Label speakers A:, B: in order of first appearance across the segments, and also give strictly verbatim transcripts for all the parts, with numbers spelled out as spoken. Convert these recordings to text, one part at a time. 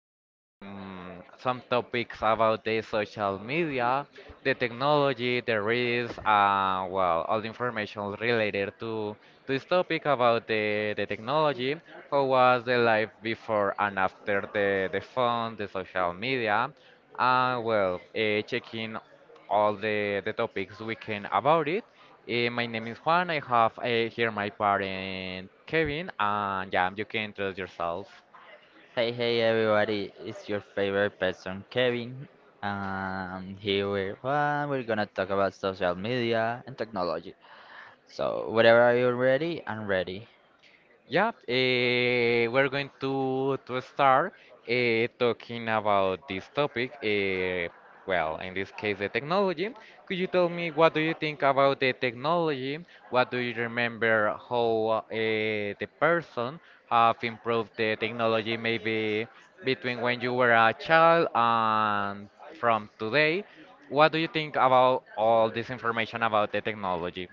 A: um, some topics about the social media, the technology, the risks, uh, well, all the information related to to this topic about the, the technology. How was the life before and after the, the phone, the social media? Uh, well, uh, checking all the, the topics we can about it. Eh, my name is Juan. I have uh, here my parent Kevin, and yeah, you can introduce yourself.
B: Hey, hey, everybody! It's your favorite person, Kevin. And here we are. We're gonna talk about social media and technology. So, whatever, are you ready? I'm ready.
A: Yeah, eh, we're going to to start eh, talking about this topic. Eh, well, in this case, the technology. Could you tell me what do you think about the technology? What do you remember how eh, the person have improved the technology maybe between when you were a child and from today? What do you think about all this information about the technology?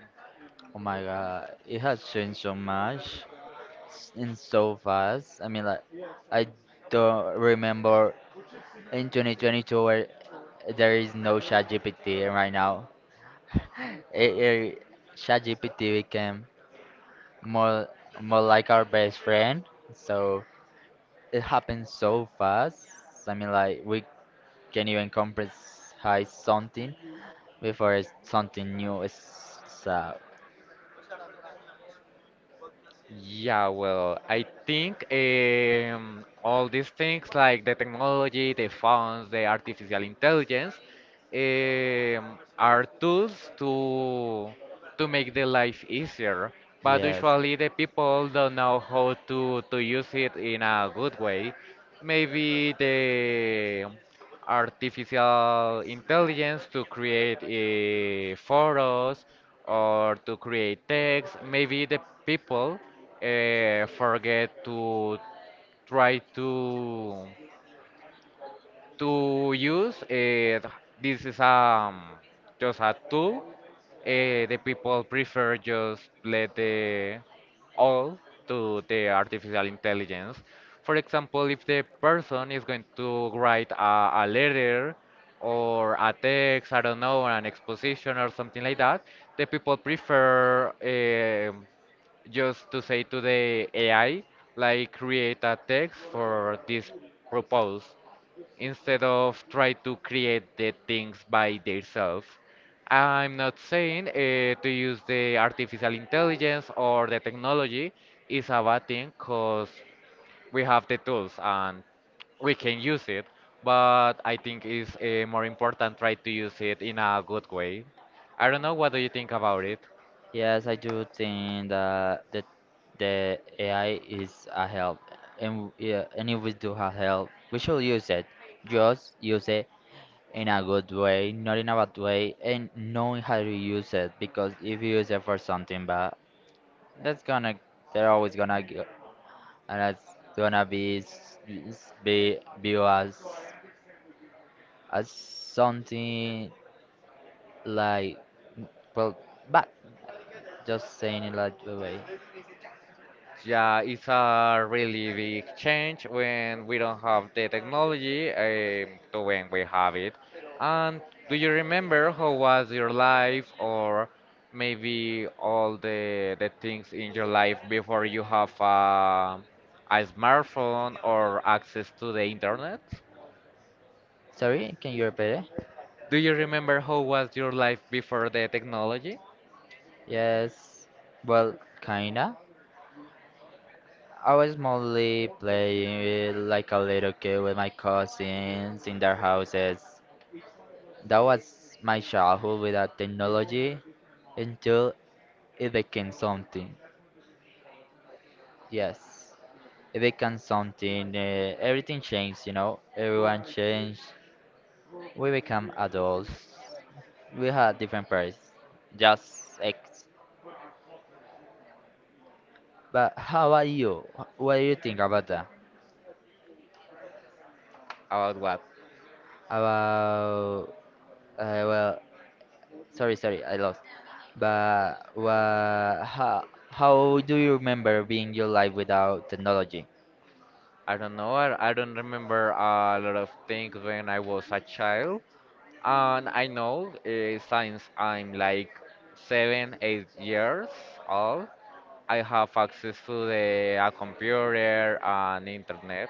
B: Oh my God, it has changed so much s- and so fast. I mean, like, I don't remember in twenty twenty-two where there is no ChatGPT, and right now, it, it, ChatGPT became more more like our best friend. So it happens so fast. I mean, like we can't even comprehend something before it's something new. Is so
A: Yeah, well, I think um, all these things like the technology, the phones, the artificial intelligence um, are tools to to make the life easier. But
B: yes,
A: usually the people don't know how to to use it in a good way. Maybe they artificial intelligence to create uh, photos or to create text. Maybe the people uh, forget to try to to use uh, this is um just a tool. Uh, the people prefer just let the all to the artificial intelligence. For example, if the person is going to write a, a letter or a text, I don't know, an exposition or something like that, the people prefer um just to say to the A I, like create a text for this proposal instead of try to create the things by themselves. I'm not saying uh, to use the artificial intelligence or the technology is a bad thing because we have the tools and we can use it, but I think it's uh, more important try to use it in a good way. I don't know, what do you think about it?
B: yes. I do think that the the A I is a help, and w- yeah, and if we do have help, we should use it. Just use it in a good way, not in a bad way, and knowing how to use it. Because if you use it for something bad, that's gonna, they're always gonna g- and it's gonna be s- s- be view as as something like mm, well but just saying it like the way.
A: Yeah, it's a really big change when we don't have the technology um, to when we have it. And do you remember how was your life or maybe all the the things in your life before you have a, a smartphone or access to the internet?
B: Sorry, can you repeat it?
A: Do you remember how was your life before the technology?
B: Yes, well, kinda. I was mostly playing with, like, a little kid with my cousins in their houses. That was my childhood without technology, until it became something. Yes, it becomes something, uh, everything changed, you know, everyone changed. We become adults, we have different parents, just ex. But how about you? Wh- What do you think about that?
A: About what?
B: About, uh, well, sorry, sorry, I lost. But wha how, how do you remember being your life without technology?
A: I don't know. I, I don't remember a lot of things when I was a child. And I know uh, since I'm like seven, eight years old, I have access to the a computer and internet.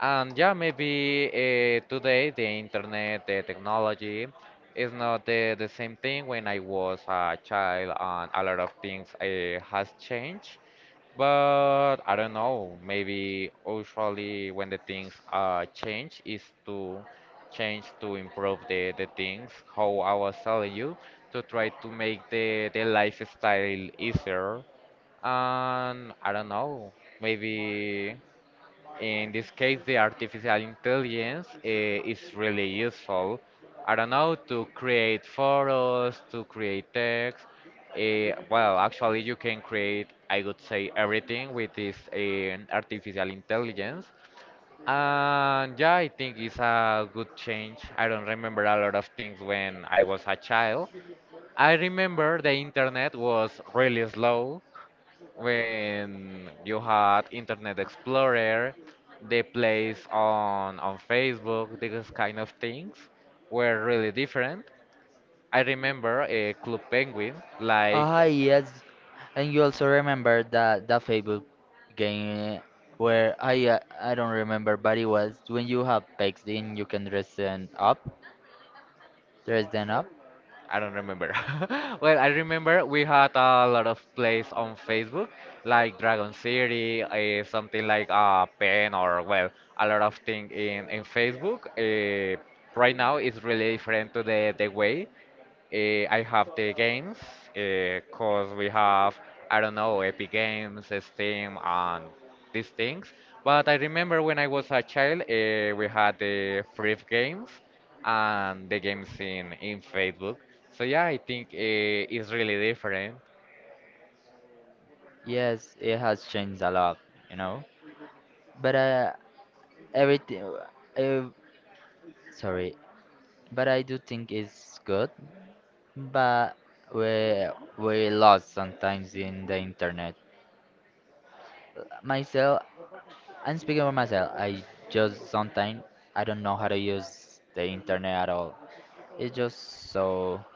A: And yeah, maybe uh, today the internet, the technology is not the, the same thing when I was a child, and a lot of things uh, has changed. But I don't know, maybe usually when the things uh, change is to change to improve the, the things, how I was telling you, to try to make the, the lifestyle easier. And I don't know, maybe. In this case, the artificial intelligence uh, is really useful. I don't know, to create photos, to create text. Uh, well, actually, you can create, I would say, everything with this eh, artificial intelligence. And yeah, I think it's a good change. I don't remember a lot of things when I was a child. I remember the internet was really slow when you had Internet Explorer, the plays on on Facebook, these kind of things were really different. I remember a Club Penguin, like
B: Ah, yes. And you also remember that that Facebook game where I, uh, I don't remember, but it was when you have pegs in, you can dress them up, dress them up.
A: I don't remember. Well, I remember we had a lot of plays on Facebook, like Dragon City, uh, something like a pen or well, a lot of thing in in Facebook. Uh, right now it's really different to the the way. Eh, I have the games because we have, I don't know, Epic Games, Steam, and these things. But I remember when I was a child, uh, we had the free games and the games in, in Facebook. So yeah, I think uh, it's really different.
B: Yes, it has changed a lot, you know. But uh, everything, uh, sorry, but I do think it's good. But we we lost sometimes in the internet. Myself, And speaking for myself, I just sometimes I don't know how to use the internet at all. It's just so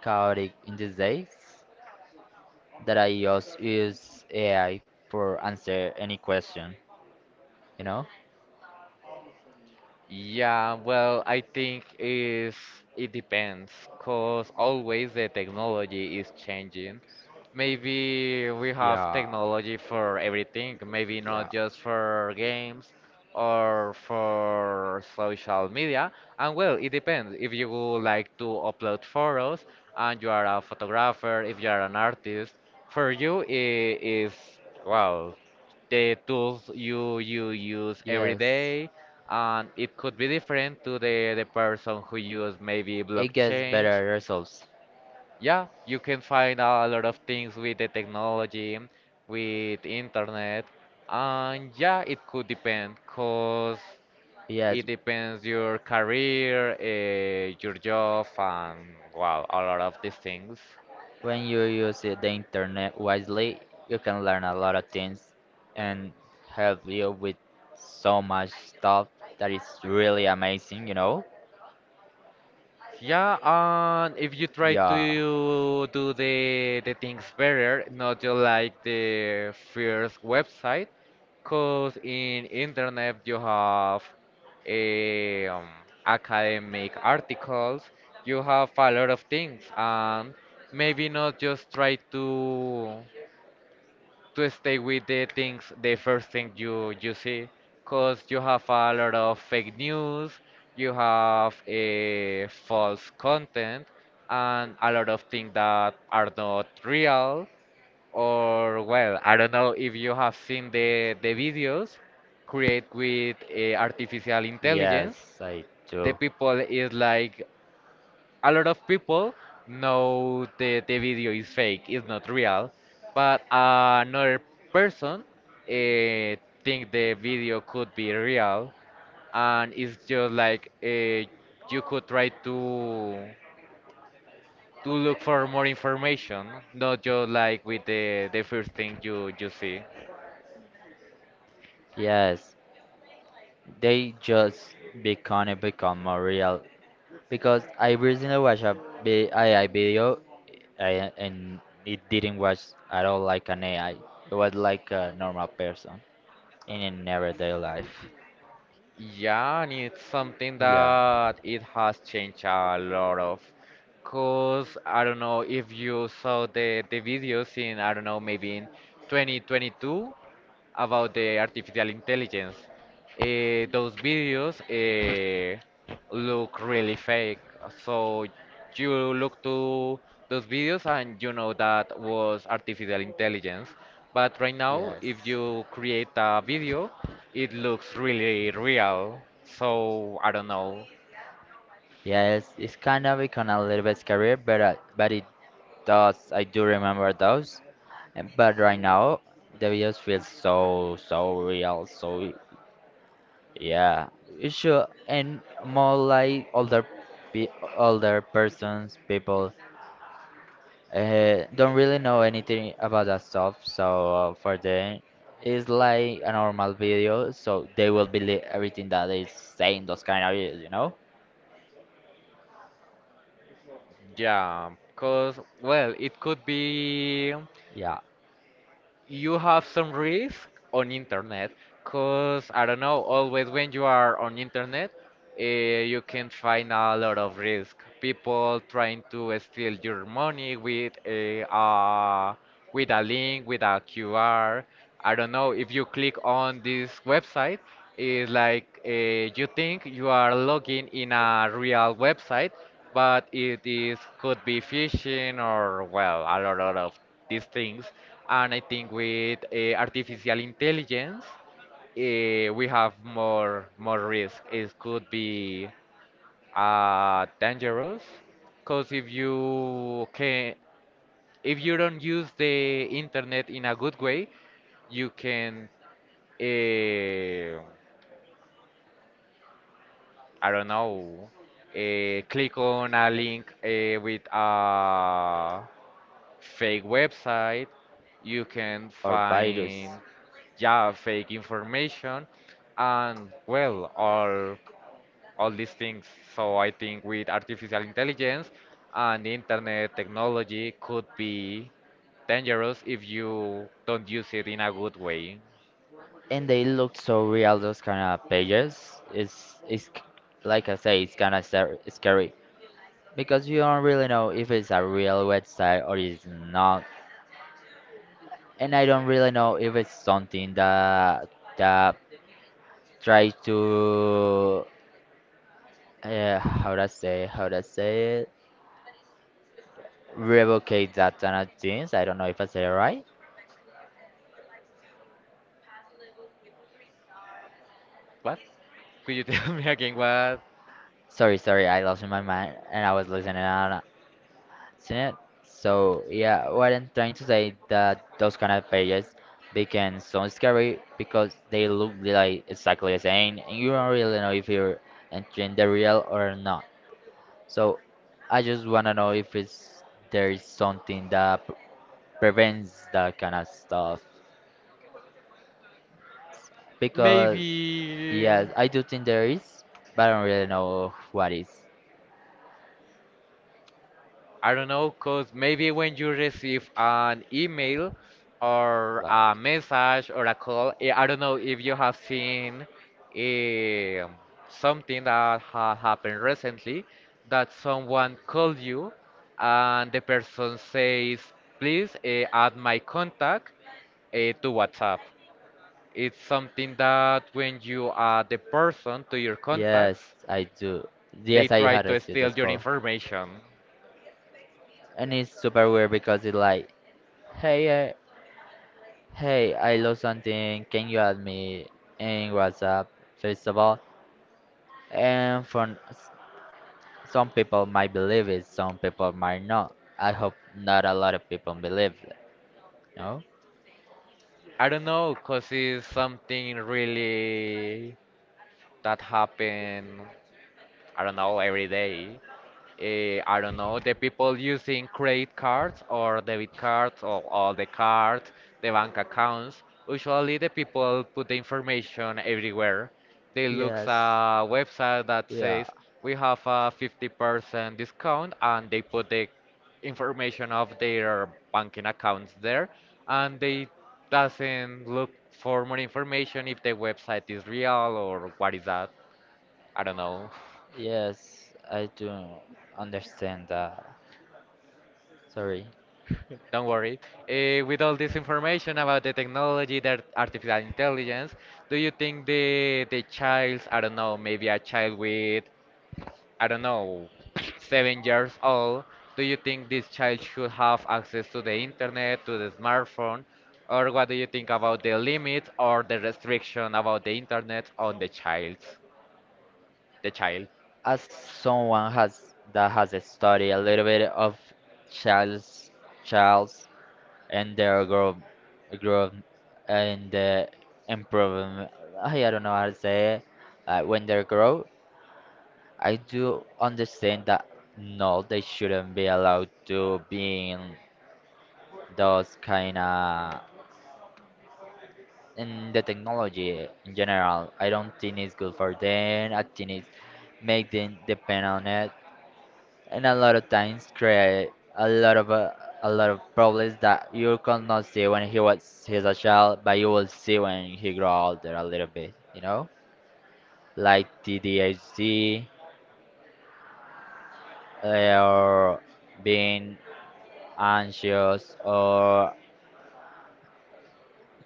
B: chaotic in these days that I just use A I for answer any question. You know?
A: Yeah, well, I think is it depends, cause always the technology is changing. Maybe we have
B: Yeah,
A: technology for everything, maybe not
B: yeah,
A: just for games or for social media. And well, it depends. If you would like to upload photos and you are a photographer, if you are an artist, for you it is well, the tools you you use every
B: yes.
A: day and it could be different to the the person who use maybe
B: It gets
A: blockchain.
B: better results.
A: Yeah, you can find a lot of things with the technology, with internet, and yeah, it could depend, cause it
B: Yes,
A: depends your career, uh, your job, and well, a lot of these things.
B: when you use it- the internet wisely, you can learn a lot of things and help you with so much stuff that is really amazing. You know?
A: Yeah, and if you try
B: Yeah.
A: to do the the things better, not just like the first website, cause in internet you have eh, um, academic articles, you have a lot of things, and maybe not just try to to stay with the things, the first thing you you see, cause you have a lot of fake news, you have a false content, and a lot of things that are not real or well, I don't know if you have seen the the videos create with uh, artificial intelligence.
B: Yes, I
A: The
B: do.
A: people is like a lot of people know the the video is fake, it's not real, but another person uh, think the video could be real, and it's just like uh, you could try to to look for more information, not just like with the the first thing you you see.
B: Yes, they just become become more real because I recently watched a B- A I video I, and it didn't watch at all like an A I. It was like a normal person in an everyday life.
A: Yeah, and it's something
B: Yeah.
A: that it has changed a lot of. Cause I don't know if you saw the the videos in I don't know maybe in twenty twenty-two about the artificial intelligence. Eh, those videos. Eh, look really fake. So you look to those videos and you know that was artificial intelligence. But right now,
B: Yes.
A: if you create a video, it looks really real. So I don't know.
B: Yes, it's kind of become a little bit scary, but uh, but it does. I do remember those. And- But right now, the videos feel so so real, so yeah, you should and more like older pe older persons people, uh, don't really know anything about that stuff, so uh, for them it's like a normal video, so they will believe everything that is saying those kind of videos, you know?
A: Yeah, because, well, it could be
B: Yeah,
A: you have some risk on internet because I don't know, always when you are on internet, eh, you can find a lot of risk. People trying to steal your money with eh, a uh, with a link, with a Q R. I don't know if you click on this website, it's like uh, you think you are logging in a real website, but it is could be phishing or well a lot of these things. And I think with uh, artificial intelligence eh, we have more more risk. It could be uh, dangerous, because if you can, if you don't use the internet in a good way, you can, eh, I don't know, eh, click on a link eh, with a fake website. You can
B: or virus.
A: find yeah fake information, and well, all all these things. So I think with artificial intelligence and internet technology could be dangerous if you don't use it in a good way.
B: And they look so real those kind of pages. It's it's c- like I say, it's kind of scary because you don't really know if it's a real website or it's not, and I don't really know if it's something that that tries to, uh, how do I say, how do I say it revocate that kind of things. I don't know if I said it right.
A: What? Could you tell me again what?
B: Sorry, sorry, I lost my mind and I was listening on it. So yeah, what I'm trying to say, that those kind of pages became so scary because they look like exactly the same and you don't really know if you're entering the real or not. So I just wanna know if it's there is something that p- prevents that kind of stuff. Because
A: Maybe.
B: yes, I do think there is, but I don't really know what is
A: I don't know, cause maybe when you receive an email or
B: like.
A: a message or a call, eh, I don't know if you have seen eh, something that ha happened recently that someone called you and the person says, please eh, add my contact eh, to WhatsApp. It's something that when you add the person to your
B: Yes,
A: contacts,
B: I do.
A: they
B: Yes, I
A: try
B: had
A: to
B: received
A: steal
B: this
A: your
B: call,
A: information.
B: and it's super weird because it's like, hey, uh, Hey, I lost something. Can you help me in WhatsApp, first of all? And for s- some people might believe it, some people might not. I hope not a lot of people believe it. No?
A: I don't know, cause it's something really that happen. I don't know every day eh, I don't know, the people using credit cards or debit cards or all the cards, the bank accounts. Usually, the people put the information everywhere. They look
B: Yes.
A: a website that
B: Yeah.
A: says we have a fifty percent discount, and they put the information of their banking accounts there, and they doesn't look for more information if the website is real or what is that. I don't know.
B: Yes, I do understand that. Sorry.
A: Don't worry. Uh, with all this information about the technology, the artificial intelligence, do you think the the child, I don't know, maybe a child with, I don't know, seven years old, do you think this child should have access to the internet, to the smartphone, or what do you think about the limits or the restriction about the internet on the child, the child?
B: As someone has that has studied a little bit of Charles Charles and their grow, grow, and the improvement. I I don't know how to say it. Uh, when they grow, I do understand that no, they shouldn't be allowed to be in those kind of, in the technology in general. I don't think it's good for them. I think it's make them depend on it and a lot of times create a lot of uh, a lot of problems that you cannot see when he was he's a child, but you will see when he grow older a little bit. You know, like T D H D, uh, or being anxious or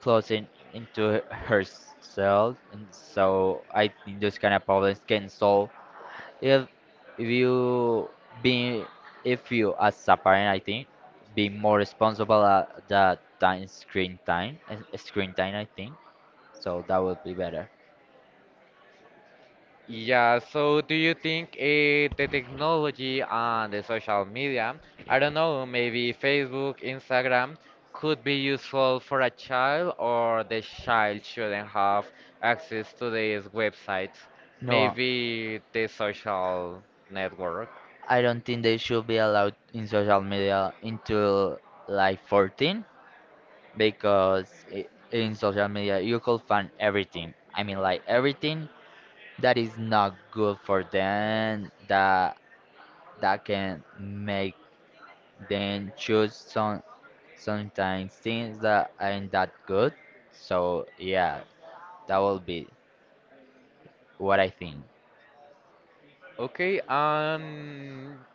B: closing into herself. And so I think those kind of problems can solve if you being if you as a parent, I think, being more responsible at the time screen time and screen time, I think, so that would be better.
A: Yeah, so do you think eh, the technology and the social media, I don't know, maybe Facebook, Instagram, could be useful for a child or the child shouldn't have access to these websites?
B: No,
A: Maybe the social network.
B: I don't think they should be allowed in social media until like fourteen, because I in social media you could find everything. I mean, like everything that is not good for them, that that can make then choose some sometimes things that aren't that good. So yeah, that will be what I think.
A: Okay, um,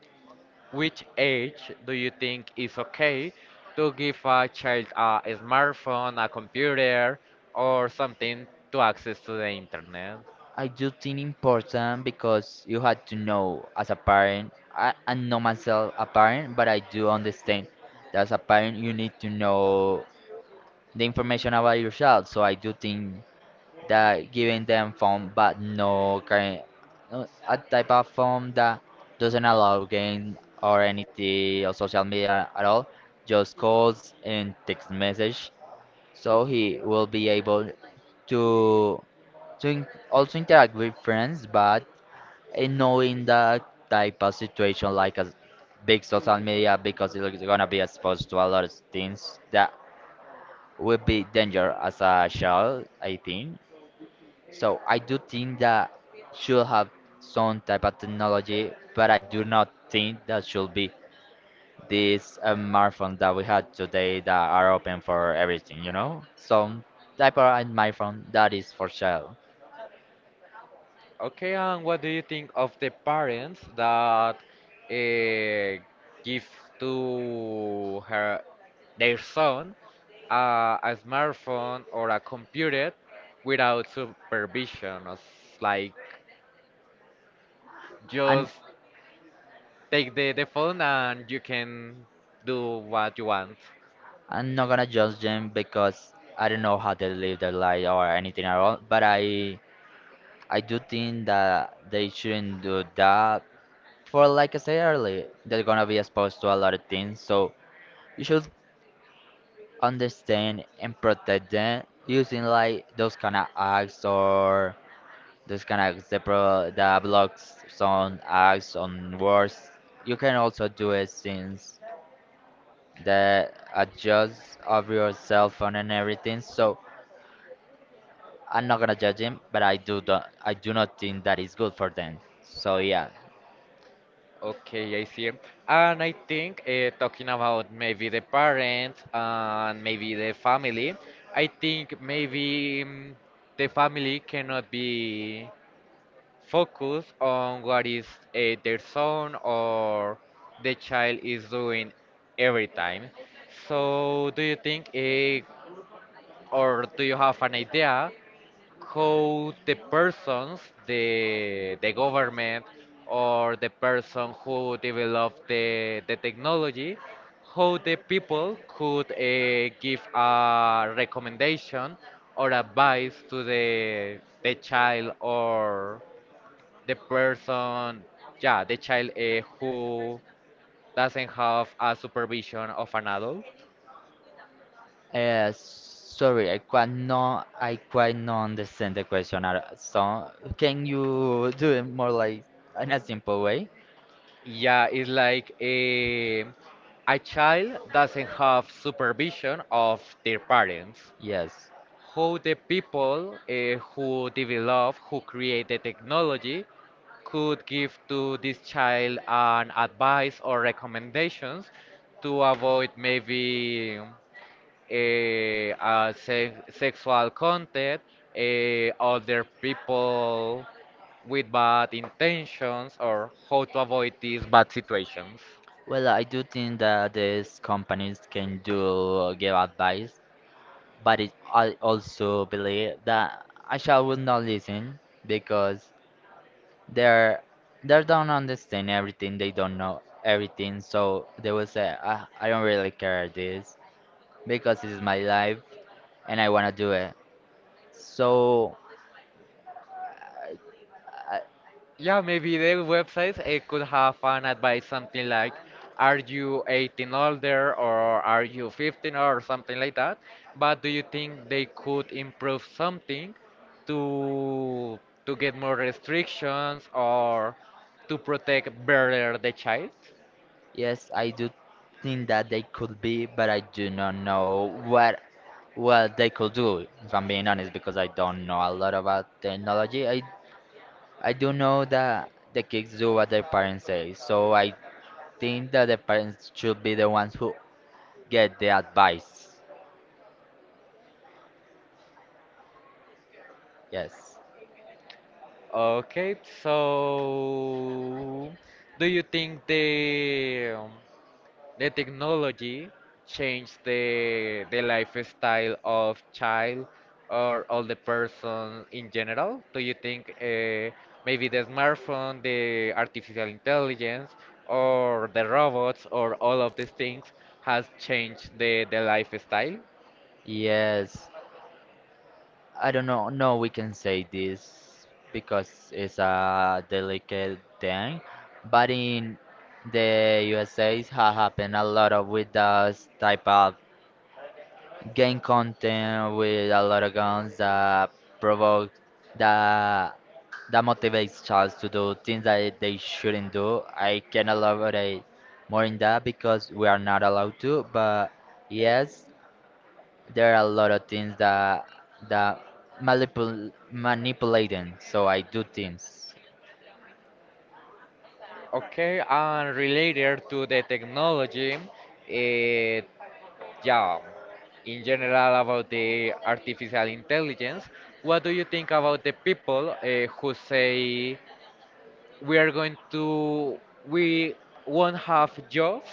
A: which age do you think is okay to give a child a smartphone, a computer, or something to access to the internet?
B: I do think important, because you had to know as a parent. I, I know myself a parent, but I do understand that as a parent you need to know the information about your child. So I do think that giving them phone but no game, no- a type of phone that doesn't allow game or anything or social media at all, just calls and text message, so he will be able to to in- also interact with friends, but in knowing that type of situation like a big social media, because it's gonna be exposed to a lot of things that will be danger as a child, I think. So I do think that should have some type of technology, but I do not think that should be this, uh, smartphone that we have today that are open for everything, you know? Some type of a smartphone that is for sale.
A: Okay, and what do you think of the parents that uh, give to her their son uh, a smartphone or a computer without supervision? It's like
B: And
A: just take the, the phone and you can do what you want.
B: I'm not gonna judge them because I don't know how they live their life or anything at all, but I I do think that they shouldn't do that. For like I said earlier, they're gonna be exposed to a lot of things, so you should understand and protect them using like those kind of acts or those kind of zebra that blocks some acts on words. You can also do it since the adjust of your cell phone and everything. So I'm not gonna judge him, but I do don't, I do not think that is good for them. So yeah.
A: Okay, I see. And I think uh, talking about maybe the parents and maybe the family, I think maybe mm, the family cannot be focused on what is uh, their son or the child is doing every time. So, do you think, uh, or do you have an idea how the persons, the the government or the person who developed the the technology, how the people could uh, give a recommendation or advice to the the child or the person, yeah, the child uh, who doesn't have a supervision of an adult.
B: Uh, sorry, I quite no, I quite not understand the question at all. So can you do it more like in a simple way?
A: Yeah, it's like a, a child doesn't have supervision of their parents.
B: Yes.
A: How the people eh, who develop, who create the technology, could give to this child an advice or recommendations to avoid maybe eh, uh, se sexual content, eh, other people with bad intentions, or how to avoid these bad situations.
B: Well, I do think that these companies can do, uh, give advice, but it, I also believe that I shall will not listen, because they're they don't understand everything, they don't know everything, so they will say, ah, I don't really care this, because this is my life and I wanna do it. So
A: Yeah, maybe the websites eh, could have an advice something like, are you eighteen older or are you fifteen or something like that? But do you think they could improve something to to get more restrictions or to protect better the child?
B: yes, I do think that they could be, but I do not know what what they could do, if I'm being honest, because I don't know a lot about technology. I I do know that the kids do what their parents say, so I think that the parents should be the ones who get the advice. Yes.
A: Okay, so do you think the um, the technology changed the the lifestyle of child or all the person in general? Do you think uh, maybe the smartphone, the artificial intelligence, or the robots, or all of these things has changed the the lifestyle?
B: Yes. I don't know. No, we can say this because it's a delicate thing. But in the U S A, it has happened a lot of with those type of game content with a lot of guns that provoke that that motivates childs to do things that they shouldn't do. I can elaborate more in that because we are not allowed to. But yes, there are a lot of things that that manipul manipulating, so I do things.
A: Okay, and related to the technology, uh, Yeah, in general about the artificial intelligence, what do you think about the people uh, who say? We are going to we won't have jobs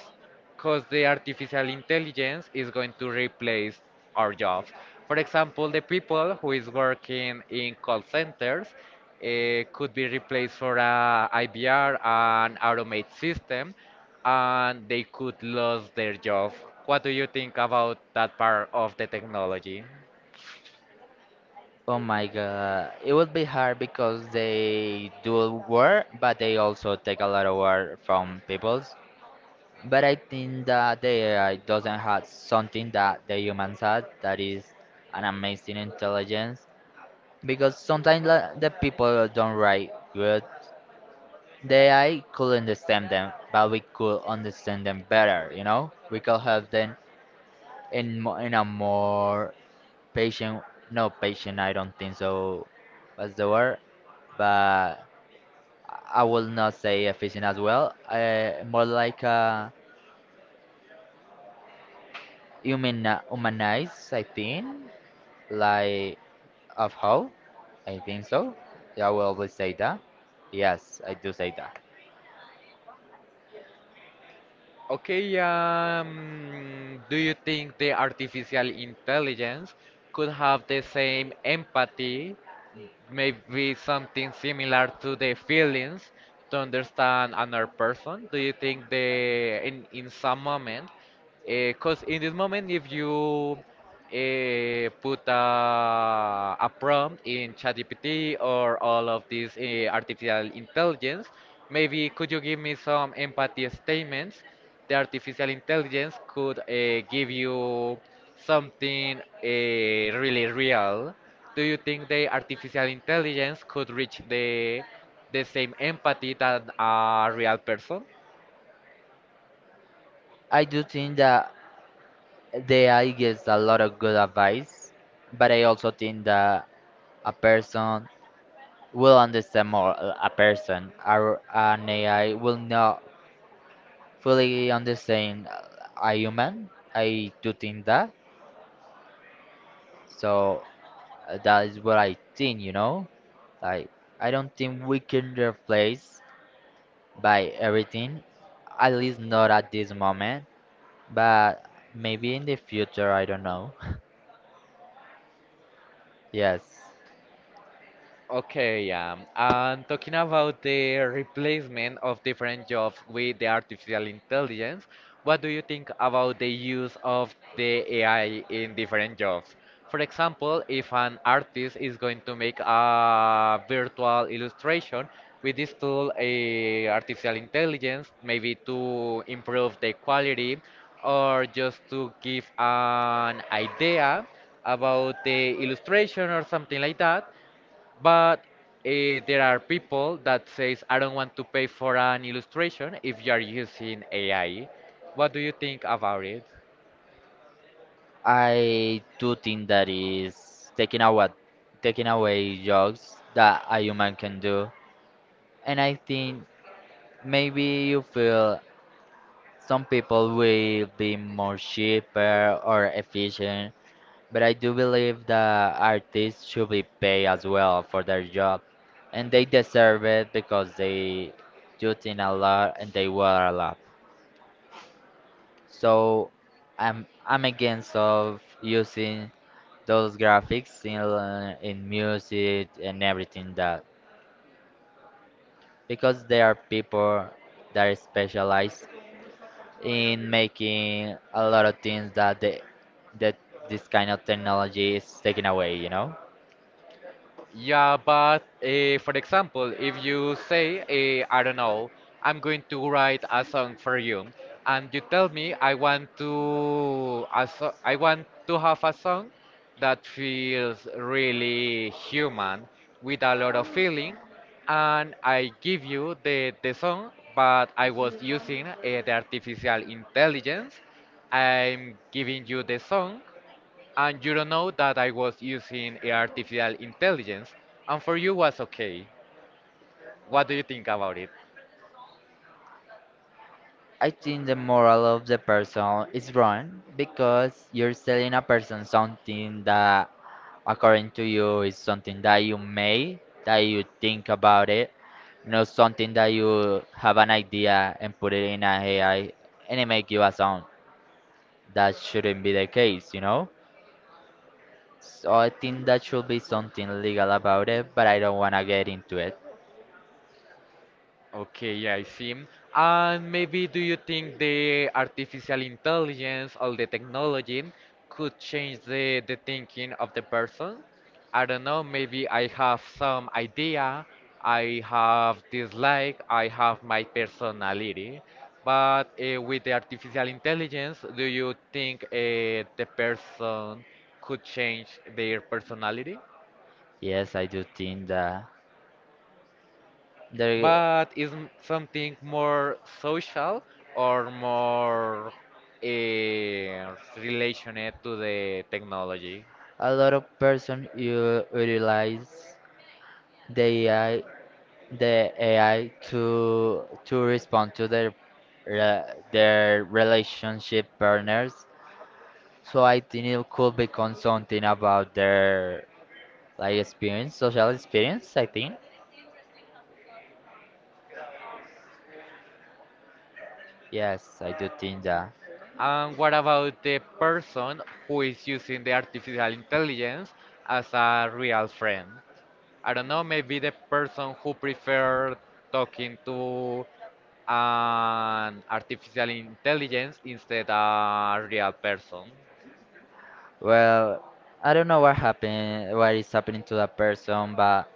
A: because the artificial intelligence is going to replace our jobs. For example, the people who is working in call centers eh, could be replaced for a I B R and automate system, and they could lose their job. What do you think about that part of the technology?
B: Oh my god, it would be hard because they do work but they also take a lot of work from peoples. But I think that the AI doesn't have something that the humans have, that is an amazing intelligence, because sometimes la- the people don't write good, the A I could understand them, but we could understand them better, you know? We could help them in mo- in a more patient, no patient I don't think so was the word, but I will not say efficient as well, uh, more like a human humanize. I think like of how I think so. Yeah, I will always say that, yes I do say that.
A: Okay, um, do you think the artificial intelligence could have the same empathy? Maybe something similar to the feelings to understand another person? Do you think the in in some moment, because in this moment, if you uh, put a, a prompt in ChatGPT or all of these uh, artificial intelligence, maybe could you give me some empathy statements? The artificial intelligence could uh, give you something uh, really real, do you think the artificial intelligence could reach the the same empathy that a real person?
B: I do think that the A I gives a lot of good advice, but I also think that a person will understand more a a person. Our, an A I will not fully understand uh, a human. I do think that. So uh, that is what I think, you know? Like, I don't think we can replace by everything, at least not at this moment, but maybe in the future, I don't know. Yes,
A: Okay, yeah. And talking about the replacement of different jobs with the artificial intelligence, what do you think about the use of the A I in different jobs? For example, if an artist is going to make a virtual illustration with this tool, a artificial intelligence, maybe to improve the quality or just to give an idea about the illustration or something like that, but eh, there are people that says I don't want to pay for an illustration if you are using A I. What do you think about it?
B: I do think that is taking away taking away jobs that a human can do. And I think maybe you feel some people will be more cheaper or efficient, but I do believe that artists should be paid as well for their job. And they deserve it because they do think a lot and they work a lot. So I'm I'm against of using those graphics in uh, in music and everything that, because there are people that are specialized in making a lot of things that the, that this kind of technology is taking away, you know?
A: Yeah, but uh, for example, if you say, uh, I don't know, I'm going to write a song for you, and you tell me I want to a so I want to have a song that feels really human with a lot of feeling, and I give you the the song, but I was using uh, the artificial intelligence. I'm giving you the song, and you don't know that I was using artificial intelligence, and for you was okay. What do you think about it?
B: I think the moral of the person is wrong, because you're selling a person something that, according to you, is something that you made, that you think about it, not something that you have an idea and put it in a AI and it make you a song. That shouldn't be the case, you know? So I think that should be something legal about it, but I don't want to get into it.
A: Okay, yeah, I see. And maybe do you think the artificial intelligence or the technology could change the, the thinking of the person? I don't know, maybe I have some idea, I have this like, I have my personality, but uh, with the artificial intelligence, do you think uh, the person could change their personality?
B: Yes, I do think that there
A: But is m- something more social or more uh, related to the technology.
B: a lot of person you utilize the A I, the A I to to respond to their re- their relationship partners. So I think it could become something about their like experience, social experience. I think yes, I do think that.
A: And what about the person who is using the artificial intelligence as a real friend? I don't know, maybe the person who prefer talking to an artificial intelligence instead a real person.
B: Well, I don't know what happened, what is happening to that person, but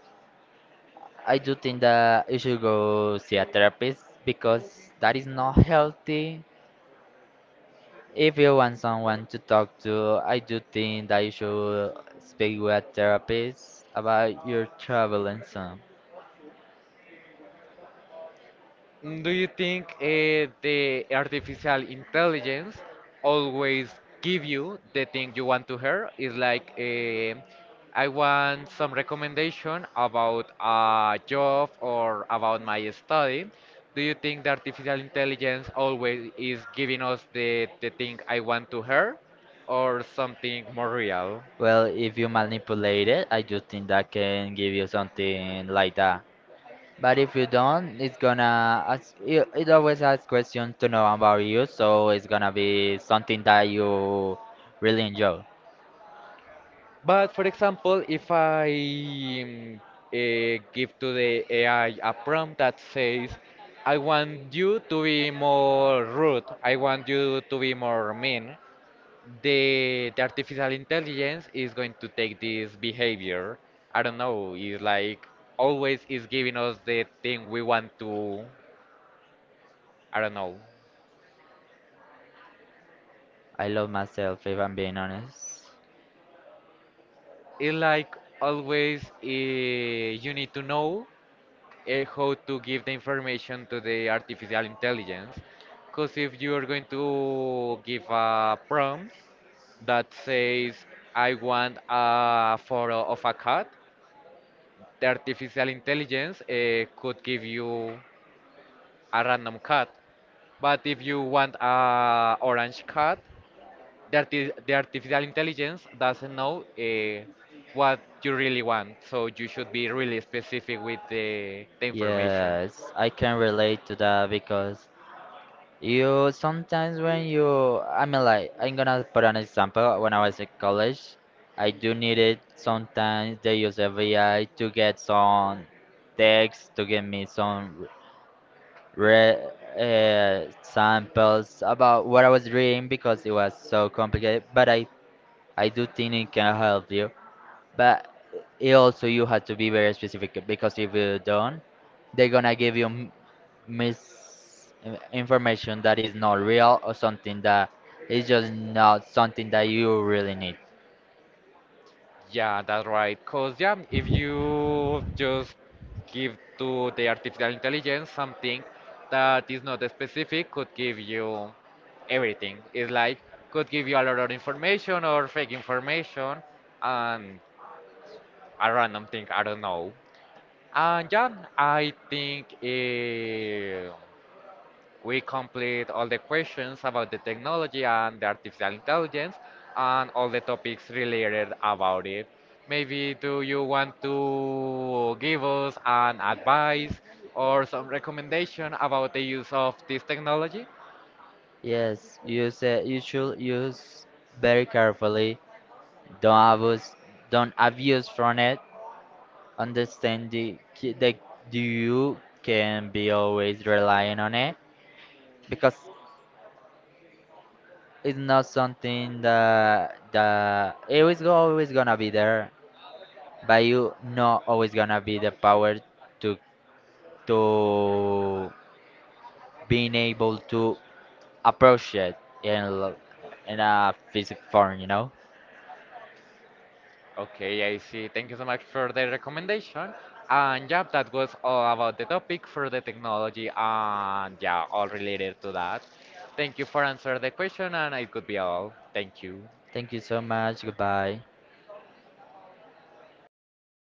B: I do think that you should go see a therapist because that is not healthy. If you want someone to talk to, I do think that you should speak with a therapist about your trouble and so.
A: Mm, do you think uh, the artificial intelligence always give you the thing you want to hear? It's like eh, I want some recommendation about a job or about my study. Do you think the artificial intelligence always is giving us the, the thing I want to hear or something more real?
B: Well, if you manipulate it, I do think that can give you something like that. But if you don't, it's gonna ask, it, it always asks questions to know about you, so it's gonna be something that you really enjoy.
A: But for example, if I mm, eh, give to the A I a prompt that says, I want you to be more rude, I want you to be more mean, the, the artificial intelligence is going to take this behavior. I don't know, it's like always is giving us the thing we want to, I don't know.
B: I love myself, if I'm being honest.
A: It's like always eh, you need to know uh, how to give the information to the artificial intelligence. Because if you're going to give a prompt that says, I want a photo of a cat, the artificial intelligence uh, could give you a random cat. But if you want a orange cat, the, arti- the artificial intelligence doesn't know uh, what you really want. So you should be really specific with the, the information.
B: Yes, I can relate to that because you sometimes when you, I mean, like, I'm gonna put an example. When I was in college, I do need it sometimes. They use A I to get some text, to give me some read uh, samples about what I was reading because it was so complicated. But I, I do think it can help you. But it also you have to be very specific, because if you don't, they're gonna give you m- mis information that is not real or something that is just not something that you really need.
A: Yeah, that's right. Because, yeah, if you just give to the artificial intelligence something that is not specific, could give you everything. It's like, could give you a lot of information or fake information and a random thing, I don't know. And yeah, I think. eh, we complete all the questions about the technology and the artificial intelligence and all the topics related about it. Maybe do you want to give us an advice or some recommendation about the use of this technology?
B: Yes, use it. You should use very carefully. Don't abuse. Don't abuse from it. Understand the, ki- that you can be always relying on it, because it's not something that that it is go- always gonna be there, but you not always gonna be the power to to being able to approach it in l- in a physical form, you know.
A: Okay, I see. Thank you so much for the recommendation. And yeah, that was all about the topic for the technology and yeah, all related to that. Thank you for answering the question and it could be all. Thank you.
B: Thank you so much. Goodbye.